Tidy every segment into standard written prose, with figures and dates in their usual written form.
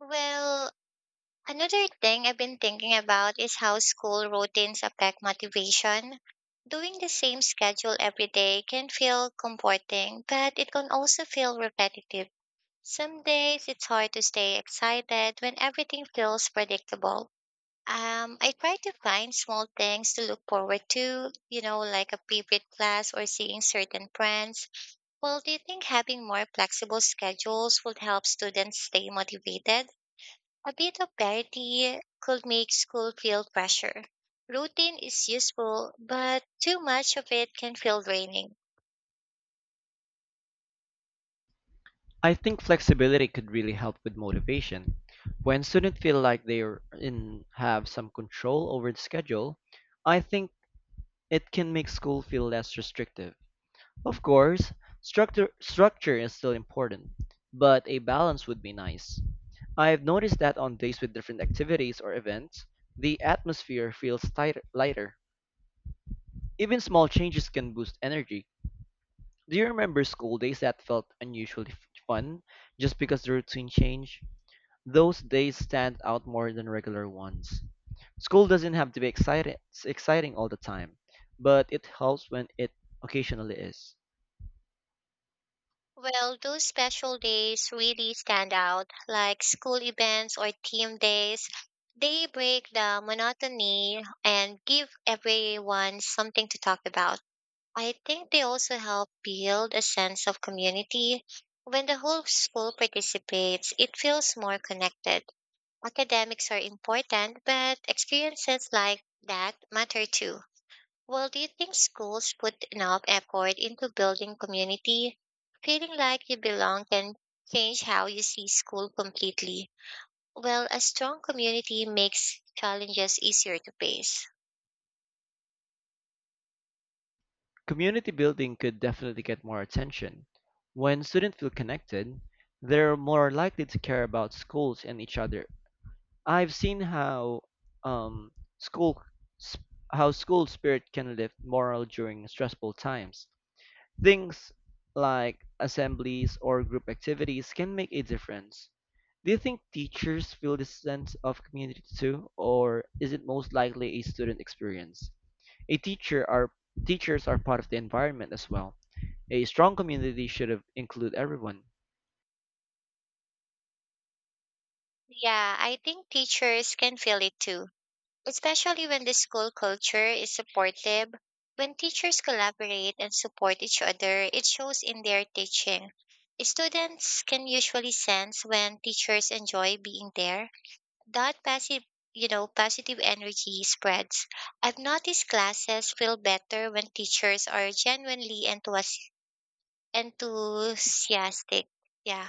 Well, another thing I've been thinking about is how school routines affect motivation. Doing the same schedule every day can feel comforting, but it can also feel repetitive. Some days it's hard to stay excited when everything feels predictable. I try to find small things to look forward to, like a favorite class or seeing certain friends. Well, do you think having more flexible schedules would help students stay motivated? A bit of parity could make school feel pressure. Routine is useful, but too much of it can feel draining. I think flexibility could really help with motivation. When students feel like they are in have some control over the schedule, I think it can make school feel less restrictive. Of course, structure is still important, but a balance would be nice. I've noticed that on days with different activities or events, the atmosphere feels lighter. Even small changes can boost energy. Do you remember school days that felt unusually fun just because the routine changed? Those days stand out more than regular ones. School doesn't have to be exciting all the time, but it helps when it occasionally is. Well, those special days really stand out, like school events or team days. They break the monotony and give everyone something to talk about. I think they also help build a sense of community. When the whole school participates, it feels more connected. Academics are important, but experiences like that matter too. Well, do you think schools put enough effort into building community? Feeling like you belong can change how you see school completely. Well, a strong community makes challenges easier to face. Community building could definitely get more attention. When students feel connected, they're more likely to care about schools and each other. I've seen how um, school sp- how school spirit can lift morale during stressful times. Things like assemblies or group activities can make a difference. Do you think teachers feel this sense of community too, or is it most likely a student experience? A teacher are Teachers are part of the environment as well. A strong community should include everyone. Yeah, I think teachers can feel it too, especially when the school culture is supportive. When teachers collaborate and support each other, it shows in their teaching. Students can usually sense when teachers enjoy being there. That passive, positive energy spreads. I've noticed classes feel better when teachers are genuinely enthusiastic. Yeah.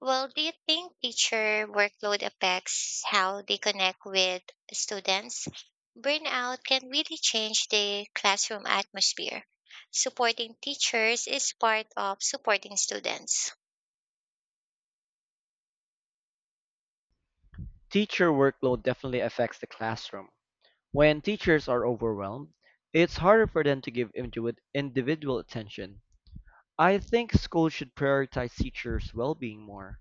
Well, do you think teacher workload affects how they connect with students? Burnout can really change the classroom atmosphere. Supporting teachers is part of supporting students. Teacher workload definitely affects the classroom. When teachers are overwhelmed, it's harder for them to give individual attention. I think schools should prioritize teachers' well-being more.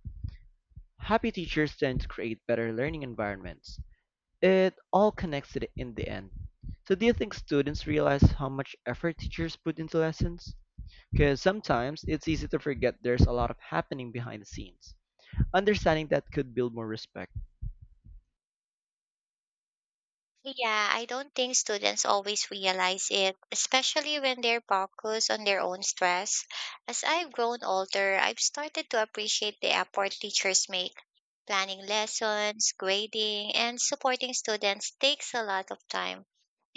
Happy teachers tend to create better learning environments. It all connects to in the end. So, do you think students realize how much effort teachers put into lessons? Because sometimes it's easy to forget there's a lot of happening behind the scenes. Understanding that could build more respect. Yeah, I don't think students always realize it, especially when they're focused on their own stress. As I've grown older, I've started to appreciate the effort teachers make. Planning lessons, grading, and supporting students takes a lot of time.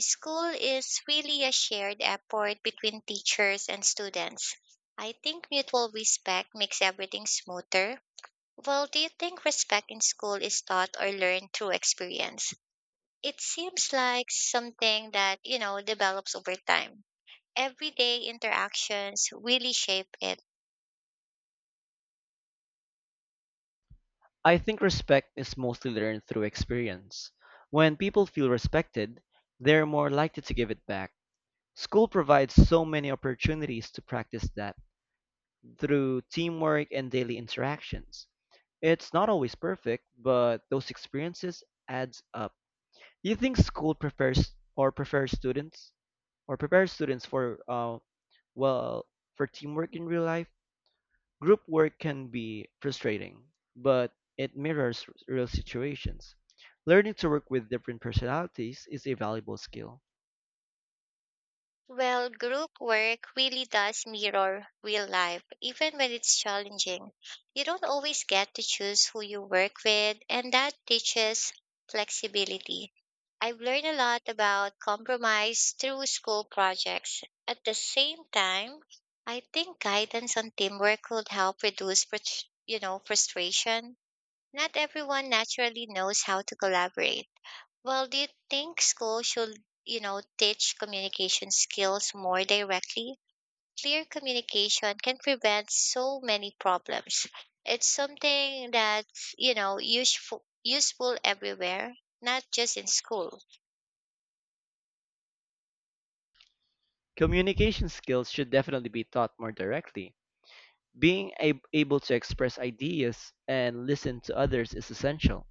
School is really a shared effort between teachers and students. I think mutual respect makes everything smoother. Well, do you think respect in school is taught or learned through experience? It seems like something that develops over time. Everyday interactions really shape it. I think respect is mostly learned through experience. When people feel respected, they're more likely to give it back. School provides so many opportunities to practice that through teamwork and daily interactions. It's not always perfect, but those experiences adds up. Do you think school prepares or prepares students for well, for teamwork in real life? Group work can be frustrating, but it mirrors real situations. Learning to work with different personalities is a valuable skill. Well, group work really does mirror real life, even when it's challenging. You don't always get to choose who you work with, and that teaches flexibility. I've learned a lot about compromise through school projects. At the same time, I think guidance on teamwork could help reduce frustration. Not everyone naturally knows how to collaborate. Well, do you think school should teach communication skills more directly? Clear communication can prevent so many problems. It's something that's useful everywhere, not just in school. Communication skills should definitely be taught more directly. Being able to express ideas and listen to others is essential.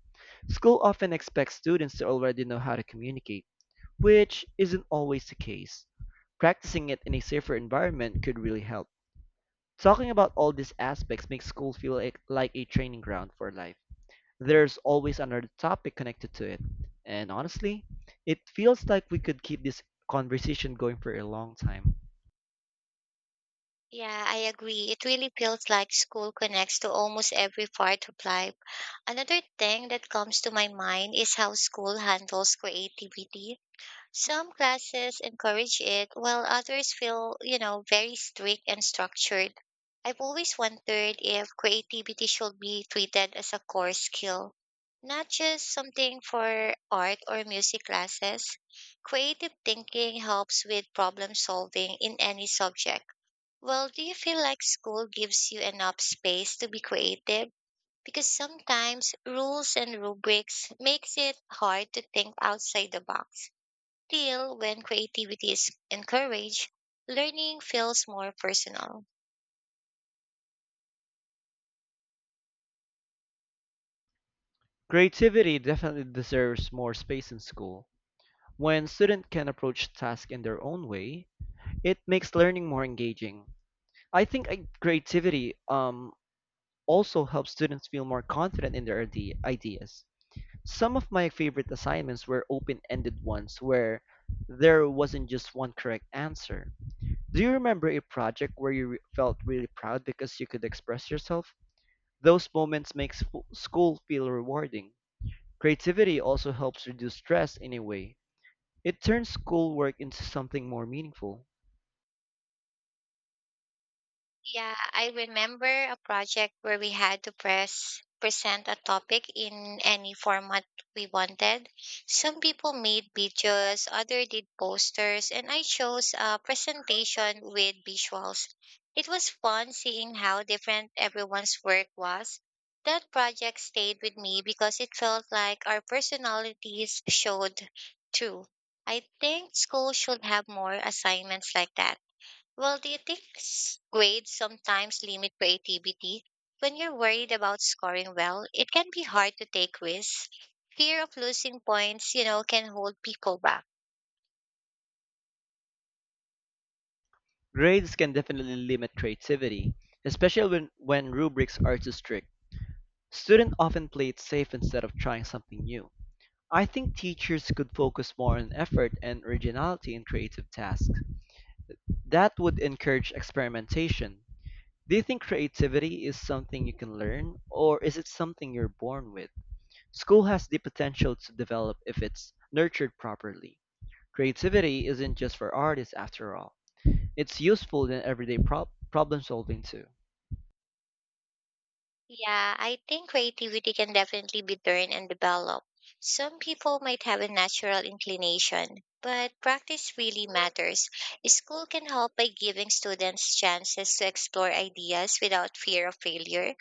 School often expects students to already know how to communicate, which isn't always the case. Practicing it in a safer environment could really help. Talking about all these aspects makes school feel like a training ground for life. There's always another topic connected to it. And honestly, it feels like we could keep this conversation going for a long time. Yeah, I agree. It really feels like school connects to almost every part of life. Another thing that comes to my mind is how school handles creativity. Some classes encourage it, while others feel, you know, very strict and structured. I've always wondered if creativity should be treated as a core skill, not just something for art or music classes. Creative thinking helps with problem solving in any subject. Well, do you feel like school gives you enough space to be creative? Because sometimes rules and rubrics makes it hard to think outside the box. Still, when creativity is encouraged, learning feels more personal. Creativity definitely deserves more space in school. When students can approach tasks in their own way, it makes learning more engaging. I think creativity also helps students feel more confident in their ideas. Some of my favorite assignments were open ended ones where there wasn't just one correct answer. Do you remember a project where you felt really proud because you could express yourself? Those moments make school feel rewarding. Creativity also helps reduce stress in a way. It turns schoolwork into something more meaningful. Yeah, I remember a project where we had to press present a topic in any format we wanted. Some people made videos, other did posters, and I chose a presentation with visuals. It was fun seeing how different everyone's work was. That project stayed with me because it felt like our personalities showed through. I think school should have more assignments like that. Well, do you think grades sometimes limit creativity? When you're worried about scoring well, it can be hard to take risks. Fear of losing points, you know, can hold people back. Grades can definitely limit creativity, especially when rubrics are too strict. Students often play it safe instead of trying something new. I think teachers could focus more on effort and originality in creative tasks. That would encourage experimentation. Do you think creativity is something you can learn, or is it something you're born with? School has the potential to develop if it's nurtured properly. Creativity isn't just for artists after all. It's useful in everyday problem solving too. Yeah, I think creativity can definitely be learned and developed. Some people might have a natural inclination, but practice really matters. School can help by giving students chances to explore ideas without fear of failure.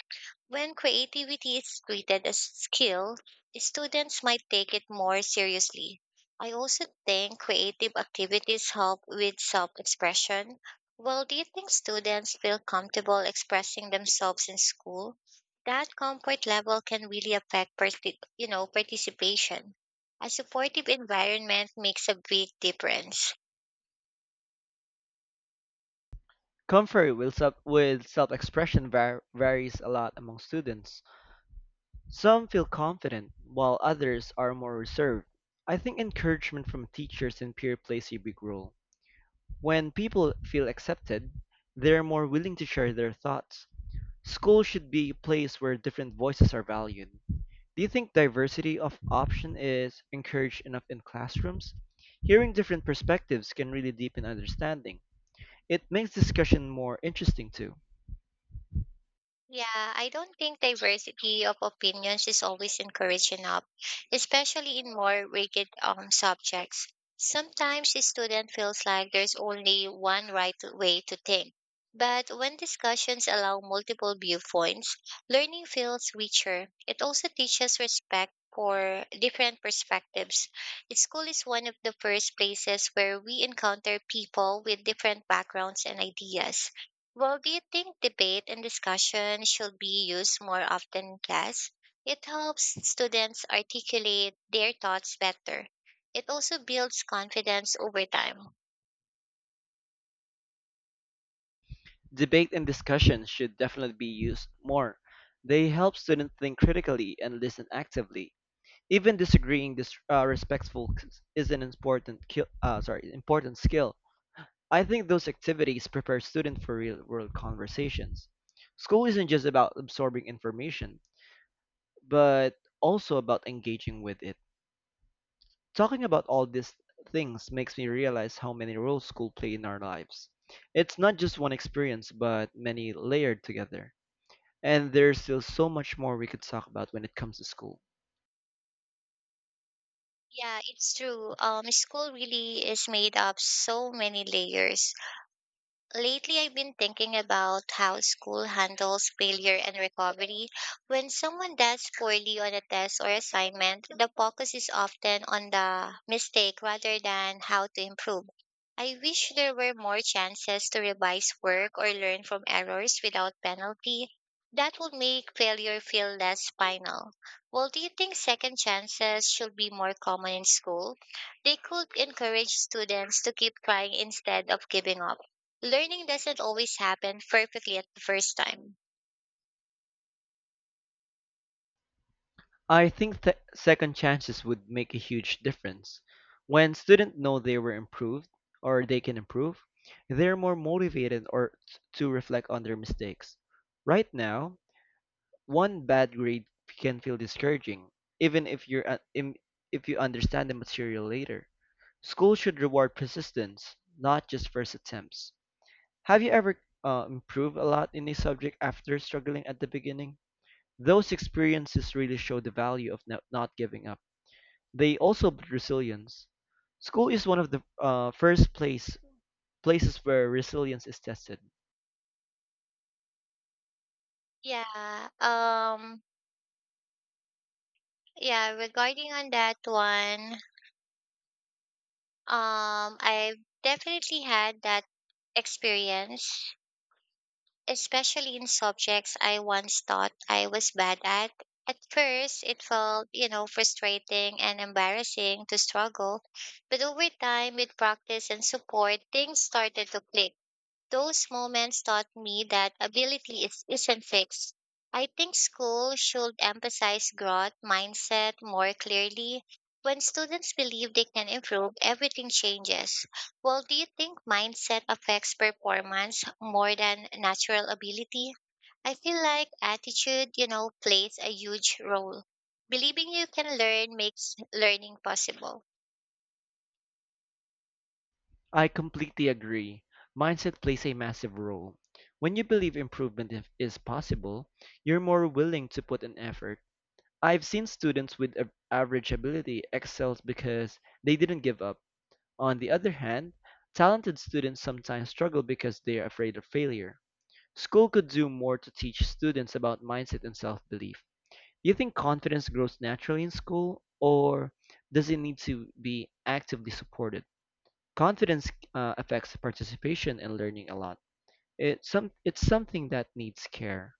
When creativity is treated as skill, students might take it more seriously. I also think creative activities help with self expression. Well, do you think students feel comfortable expressing themselves in school? That comfort level can really affect participation. A supportive environment makes a big difference. Comfort with self-expression varies a lot among students. Some feel confident, while others are more reserved. I think encouragement from teachers and peer plays a big role. When people feel accepted, they're more willing to share their thoughts. School should be a place where different voices are valued. Do you think diversity of option is encouraged enough in classrooms? Hearing different perspectives can really deepen understanding. It makes discussion more interesting too. Yeah, I don't think diversity of opinions is always encouraged enough, especially in more rigid subjects. Sometimes a student feels like there's only one right way to think. But when discussions allow multiple viewpoints, learning feels richer. It also teaches respect for different perspectives. School is one of the first places where we encounter people with different backgrounds and ideas. Well, do you think debate and discussion should be used more often in class? It helps students articulate their thoughts better. It also builds confidence over time. Debate and discussion should definitely be used more. They help students think critically and listen actively. Even disagreeing respectful is an important ki- sorry important skill. I think those activities prepare students for real world conversations. School isn't just about absorbing information, but also about engaging with it. Talking about all these things makes me realize how many roles school play in our lives. It's not just one experience, but many layered together. And there's still so much more we could talk about when it comes to school. Yeah, it's true. School really is made up so many layers. Lately, I've been thinking about how school handles failure and recovery. When someone does poorly on a test or assignment, the focus is often on the mistake rather than how to improve. I wish there were more chances to revise work or learn from errors without penalty. That would make failure feel less final. Well, do you think second chances should be more common in school? They could encourage students to keep trying instead of giving up. Learning doesn't always happen perfectly at the first time. I think second chances would make a huge difference. When students know they can improve, they're more motivated to reflect on their mistakes. Right now, one bad grade can feel discouraging, even if if you understand the material later. School should reward persistence, not just first attempts. Have you ever improved a lot in a subject after struggling at the beginning? Those experiences really show the value of not giving up. They also build resilience. School is one of the first places where resilience is tested. Yeah. Yeah, Regarding on that one, I've definitely had that experience, especially in subjects I once thought I was bad at. At first, it felt, you know, frustrating and embarrassing to struggle, but over time with practice and support, things started to click. Those moments taught me that ability isn't fixed. I think school should emphasize growth mindset more clearly. When students believe they can improve, everything changes. Well, do you think mindset affects performance more than natural ability? I feel like attitude, you know, plays a huge role. Believing you can learn makes learning possible. I completely agree. Mindset plays a massive role. When you believe improvement is possible, you're more willing to put in effort. I've seen students with average ability excel because they didn't give up. On the other hand, talented students sometimes struggle because they are afraid of failure. School could do more to teach students about mindset and self belief. Do you think confidence grows naturally in school, or does it need to be actively supported? Confidence affects participation and learning a lot. It's something that needs care.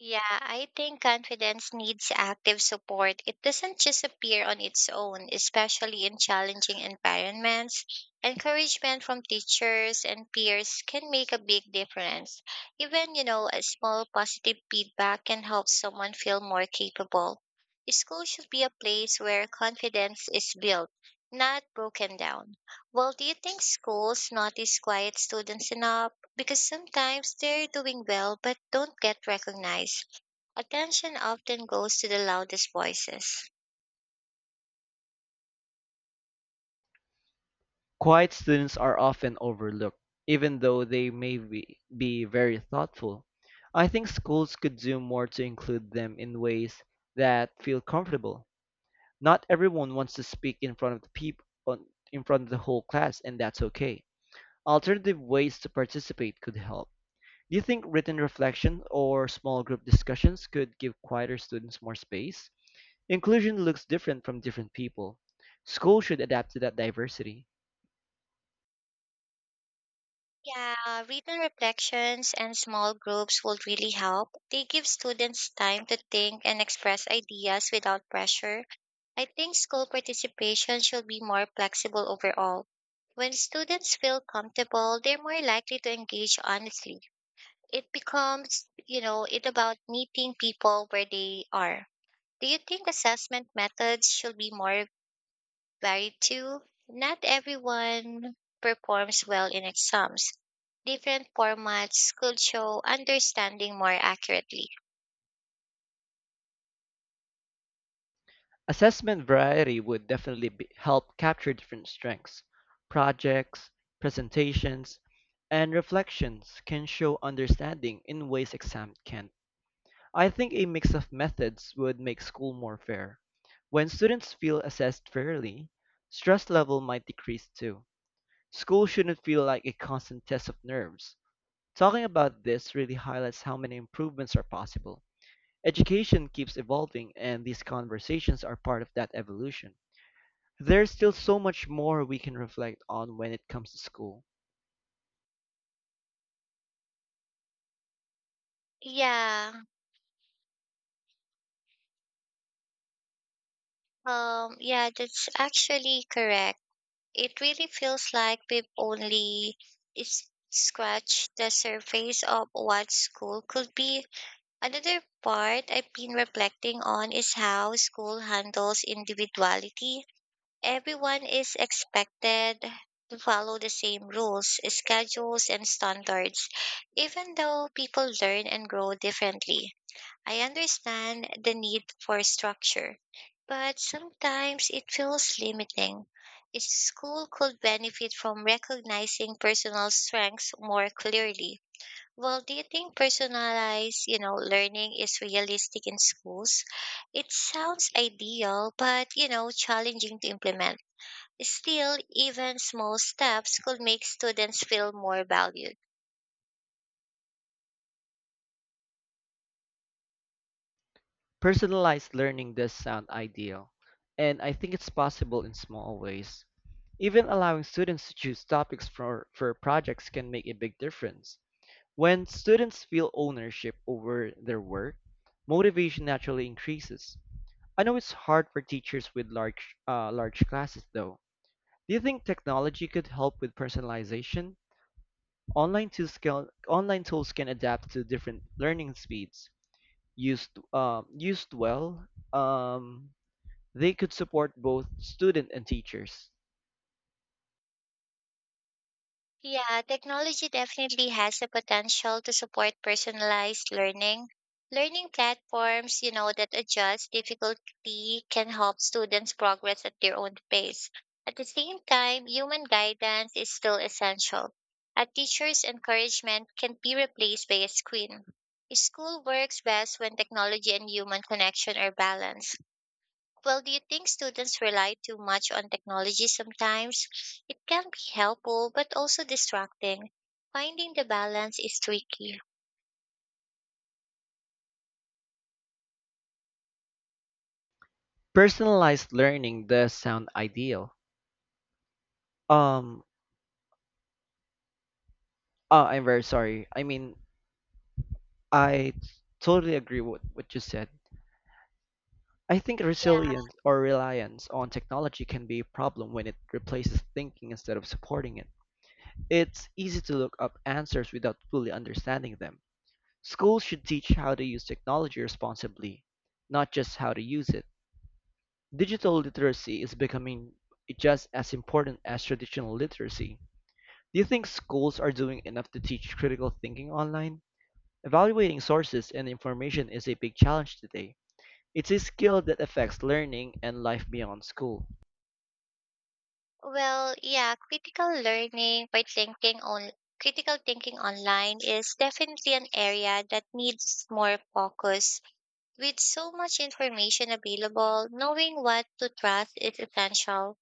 Yeah, I think confidence needs active support. It doesn't just appear on its own, especially in challenging environments. Encouragement from teachers and peers can make a big difference. Even, you know, a small positive feedback can help someone feel more capable. School should be a place where confidence is built, not broken down. Well, do you think schools notice quiet students enough? Because sometimes they're doing well but don't get recognized. Attention often goes to the loudest voices. Quiet students are often overlooked, even though they be very thoughtful. I think schools could do more to include them in ways that feel comfortable. Not everyone wants to speak in front of the whole class, and that's okay. Alternative ways to participate could help. Do you think written reflection or small group discussions could give quieter students more space? Inclusion looks different from different people. Schools should adapt to that diversity. Yeah, written reflections and small groups will really help. They give students time to think and express ideas without pressure. I think school participation should be more flexible overall. When students feel comfortable, they're more likely to engage honestly. It becomes it about meeting people where they are. Do you think assessment methods should be more varied too? Not everyone performs well in exams. Different formats could show understanding more accurately. Assessment variety would definitely help capture different strengths. Projects, presentations, and reflections can show understanding in ways exams can't. I think a mix of methods would make school more fair. When students feel assessed fairly, stress level might decrease too. School shouldn't feel like a constant test of nerves. Talking about this really highlights how many improvements are possible. Education keeps evolving, and these conversations are part of that evolution. There's still so much more we can reflect on when it comes to school. Yeah, yeah, that's actually correct. It really feels like we've only scratched the surface of what school could be. Another part I've been reflecting on is how school handles individuality. Everyone is expected to follow the same rules, schedules, and standards, even though people learn and grow differently. I understand the need for structure, but sometimes it feels limiting. A school could benefit from recognizing personal strengths more clearly. Well, do you think personalized learning is realistic in schools? It sounds ideal, but you know, challenging to implement. Still, even small steps could make students feel more valued. Personalized learning does sound ideal, and I think it's possible in small ways. Even allowing students to choose topics for projects can make a big difference. When students feel ownership over their work, motivation naturally increases. I know it's hard for teachers with large classes though. Do you think technology could help with personalization? Online tools can adapt to different learning speeds. Used well, um, they could support both student and teachers. Yeah, technology definitely has the potential to support personalized learning. Learning platforms that adjust difficulty can help students progress at their own pace. At the same time, human guidance is still essential. A teacher's encouragement can be replaced by a screen. School works best when technology and human connection are balanced. Well, do you think students rely too much on technology sometimes? It can be helpful, but also distracting. Finding the balance is tricky. Personalized learning does sound ideal. Um, I'm very sorry. I totally agree with what you said. I think Yeah. resilience or reliance on technology can be a problem when it replaces thinking instead of supporting it. It's easy to look up answers without fully understanding them. Schools should teach how to use technology responsibly, not just how to use it. Digital literacy is becoming just as important as traditional literacy. Do you think schools are doing enough to teach critical thinking online? Evaluating sources and information is a big challenge today. It's a skill that affects learning and life beyond school. Well, yeah, critical learning by thinking on critical thinking online is definitely an area that needs more focus. With so much information available, knowing what to trust is essential.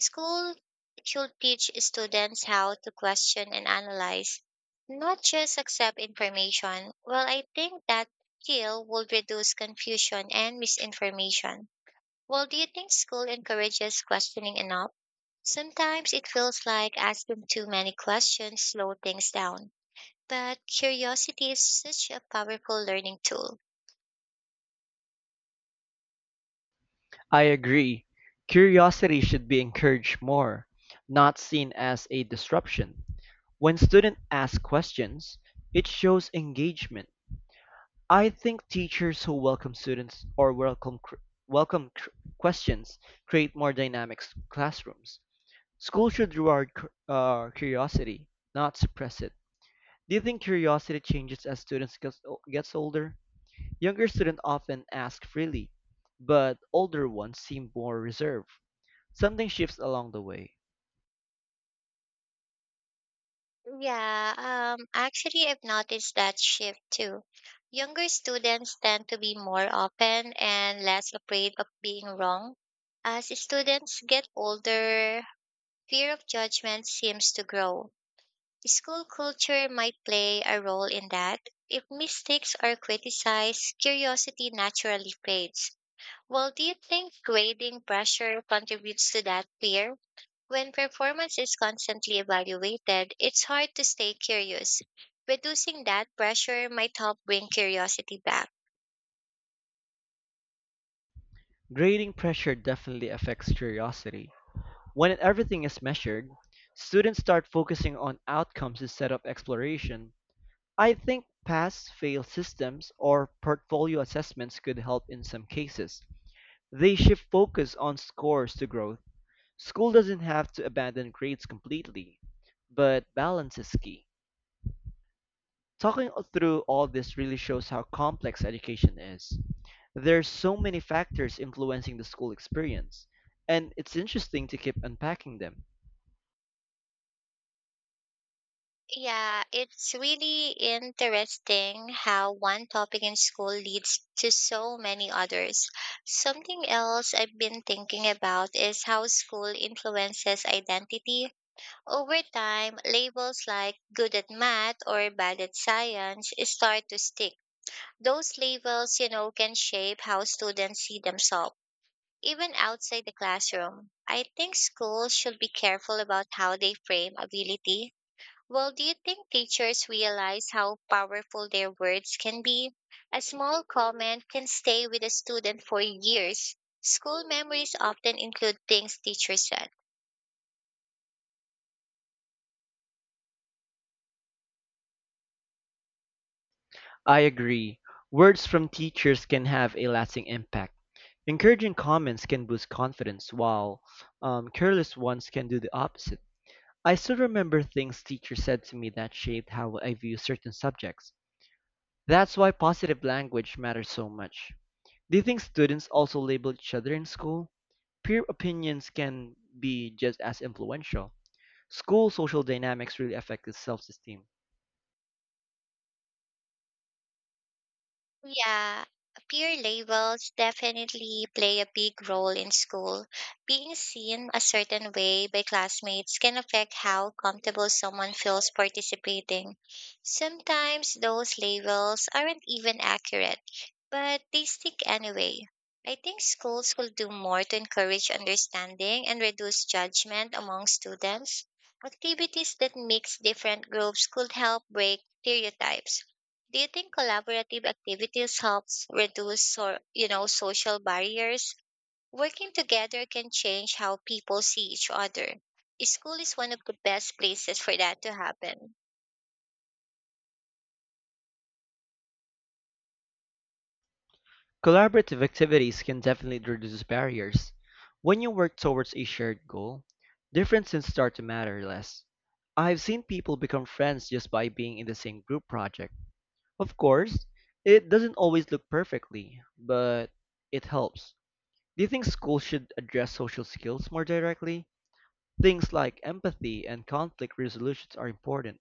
School should teach students how to question and analyze, not just accept information. Well, I think that skill would reduce confusion and misinformation. Well, do you think school encourages questioning enough? Sometimes it feels like asking too many questions slow things down, but curiosity is such a powerful learning tool. I agree, curiosity should be encouraged more, not seen as a disruption. When students ask questions, it shows engagement. I think teachers who welcome students or welcome cr- questions create more dynamic classrooms. School should reward curiosity, not suppress it. Do you think curiosity changes as students gets older? Younger students often ask freely, but older ones seem more reserved. Something shifts along the way. Yeah, actually, I've noticed that shift too. Younger students tend to be more open and less afraid of being wrong. As students get older, fear of judgment seems to grow. School culture might play a role in that. If mistakes are criticized, curiosity naturally fades. Well, do you think grading pressure contributes to that fear? When performance is constantly evaluated, it's hard to stay curious. Reducing that pressure might help bring curiosity back. Grading pressure definitely affects curiosity. When everything is measured, students start focusing on outcomes instead of exploration. I think pass fail systems or portfolio assessments could help in some cases. They shift focus on scores to growth. School doesn't have to abandon grades completely, but balance is key. Talking through all this really shows how complex education is. There's so many factors influencing the school experience, and it's interesting to keep unpacking them. Yeah, it's really interesting how one topic in school leads to so many others. Something else I've been thinking about is how school influences identity. Over time, labels like good at math or bad at science start to stick. Those labels, can shape how students see themselves, even outside the classroom. I think schools should be careful about how they frame ability. Well, do you think teachers realize how powerful their words can be? A small comment can stay with a student for years. School memories often include things teachers said. I agree. Words from teachers can have a lasting impact. Encouraging comments can boost confidence, while careless ones can do the opposite. I still remember things teachers said to me that shaped how I view certain subjects. That's why positive language matters so much. Do you think students also label each other in school? Peer opinions can be just as influential. School social dynamics really affect the self-esteem. Yeah, peer labels definitely play a big role in school. Being seen a certain way by classmates can affect how comfortable someone feels participating. Sometimes those labels aren't even accurate, but they stick anyway. I think schools will do more to encourage understanding and reduce judgment among students. Activities that mix different groups could help break stereotypes. Do you think collaborative activities helps reduce or social barriers? Working together can change how people see each other. School is one of the best places for that to happen. Collaborative activities can definitely reduce barriers. When you work towards a shared goal, differences start to matter less. I've seen people become friends just by being in the same group project. Of course, it doesn't always look perfectly, but it helps. Do you think schools should address social skills more directly? Things like empathy and conflict resolutions are important.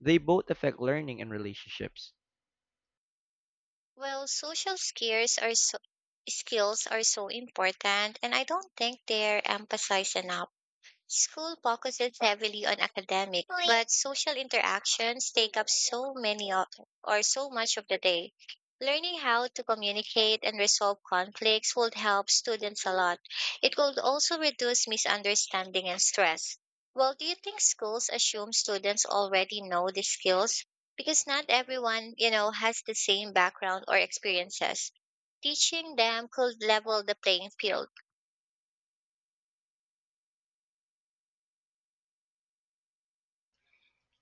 They both affect learning and relationships. Well, social skills are so important, and I don't think they're emphasized enough. School focuses heavily on academic, but social interactions take up or so much of the day. Learning how to communicate and resolve conflicts would help students a lot. It could also reduce misunderstanding and stress. Well, do you think schools assume students already know these skills? Because not everyone, has the same background or experiences. Teaching them could level the playing field.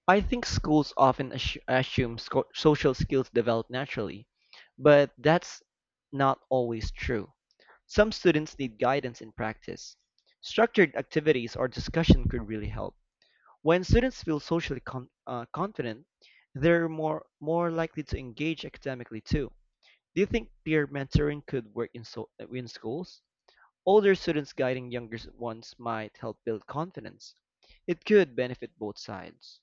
I think schools often assume social skills develop naturally, but that's not always true. Some students need guidance in practice. Structured activities or discussion could really help. When students feel socially confident, they're more likely to engage academically too. Do you think peer mentoring could work in in schools? Older students guiding younger ones might help build confidence. It could benefit both sides.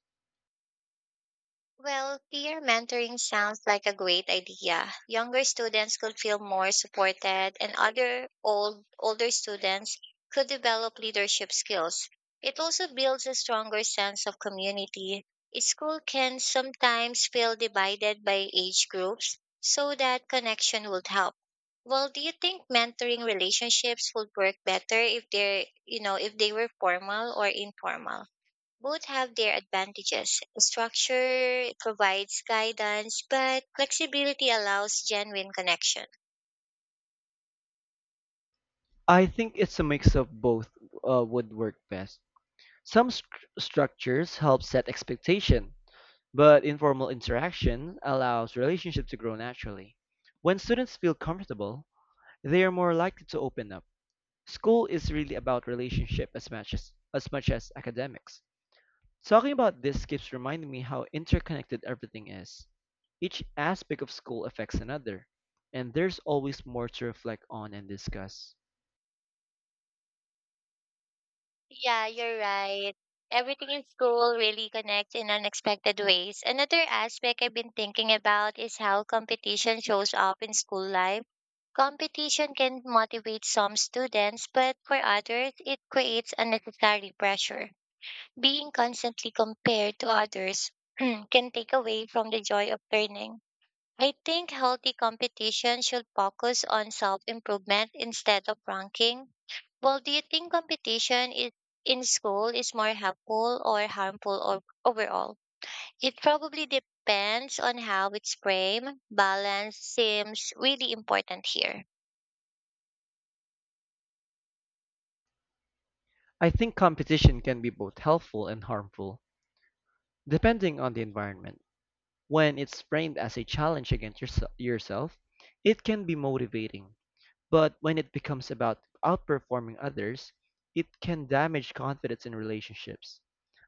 Well, peer mentoring sounds like a great idea. Younger students could feel more supported, and other old older students could develop leadership skills. It also builds a stronger sense of community. A school can sometimes feel divided by age groups, so that connection would help. Well, do you think mentoring relationships would work better if they were formal or informal? Both have their advantages. Structure provides guidance, but flexibility allows genuine connection. I think it's a mix of both would work best. Some stru- Structures help set expectation, but informal interaction allows relationships to grow naturally. When students feel comfortable, they are more likely to open up. School is really about relationship as much as academics. Talking about this keeps reminding me how interconnected everything is. Each aspect of school affects another, and there's always more to reflect on and discuss. Yeah, you're right. Everything in school really connects in unexpected ways. Another aspect I've been thinking about is how competition shows up in school life. Competition can motivate some students, but for others, it creates unnecessary pressure. Being constantly compared to others can take away from the joy of learning. I think healthy competition should focus on self improvement instead of ranking. Well, do you think in school is more helpful or harmful or overall? It probably depends on how it's framed. Balance seems really important here. I think competition can be both helpful and harmful, depending on the environment. When it's framed as a challenge against yourself, it can be motivating. But when it becomes about outperforming others, it can damage confidence in relationships.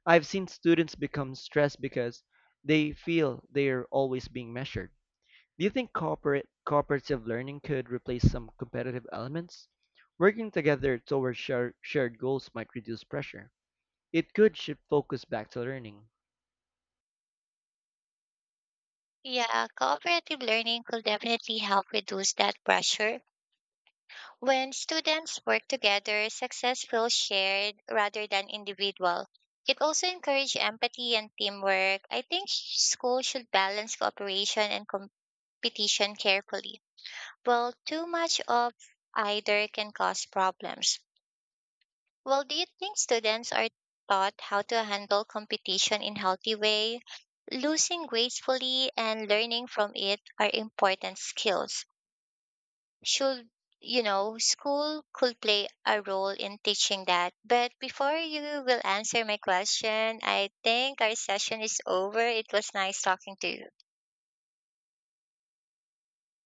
I've seen students become stressed because they feel they're always being measured. Do you think corporate cooperative learning could replace some competitive elements? Working together towards shared goals might reduce pressure. It could shift focus back to learning. Yeah, cooperative learning could definitely help reduce that pressure. When students work together, success feels shared rather than individual. It also encourages empathy and teamwork. I think school should balance cooperation and competition carefully. Well, too much of either can cause problems. Well, do you think students are taught how to handle competition in healthy way? Losing gracefully and learning from it are important skills. Should School could play a role in teaching that, but before you will answer my question, I think our session is over. It was nice talking to you.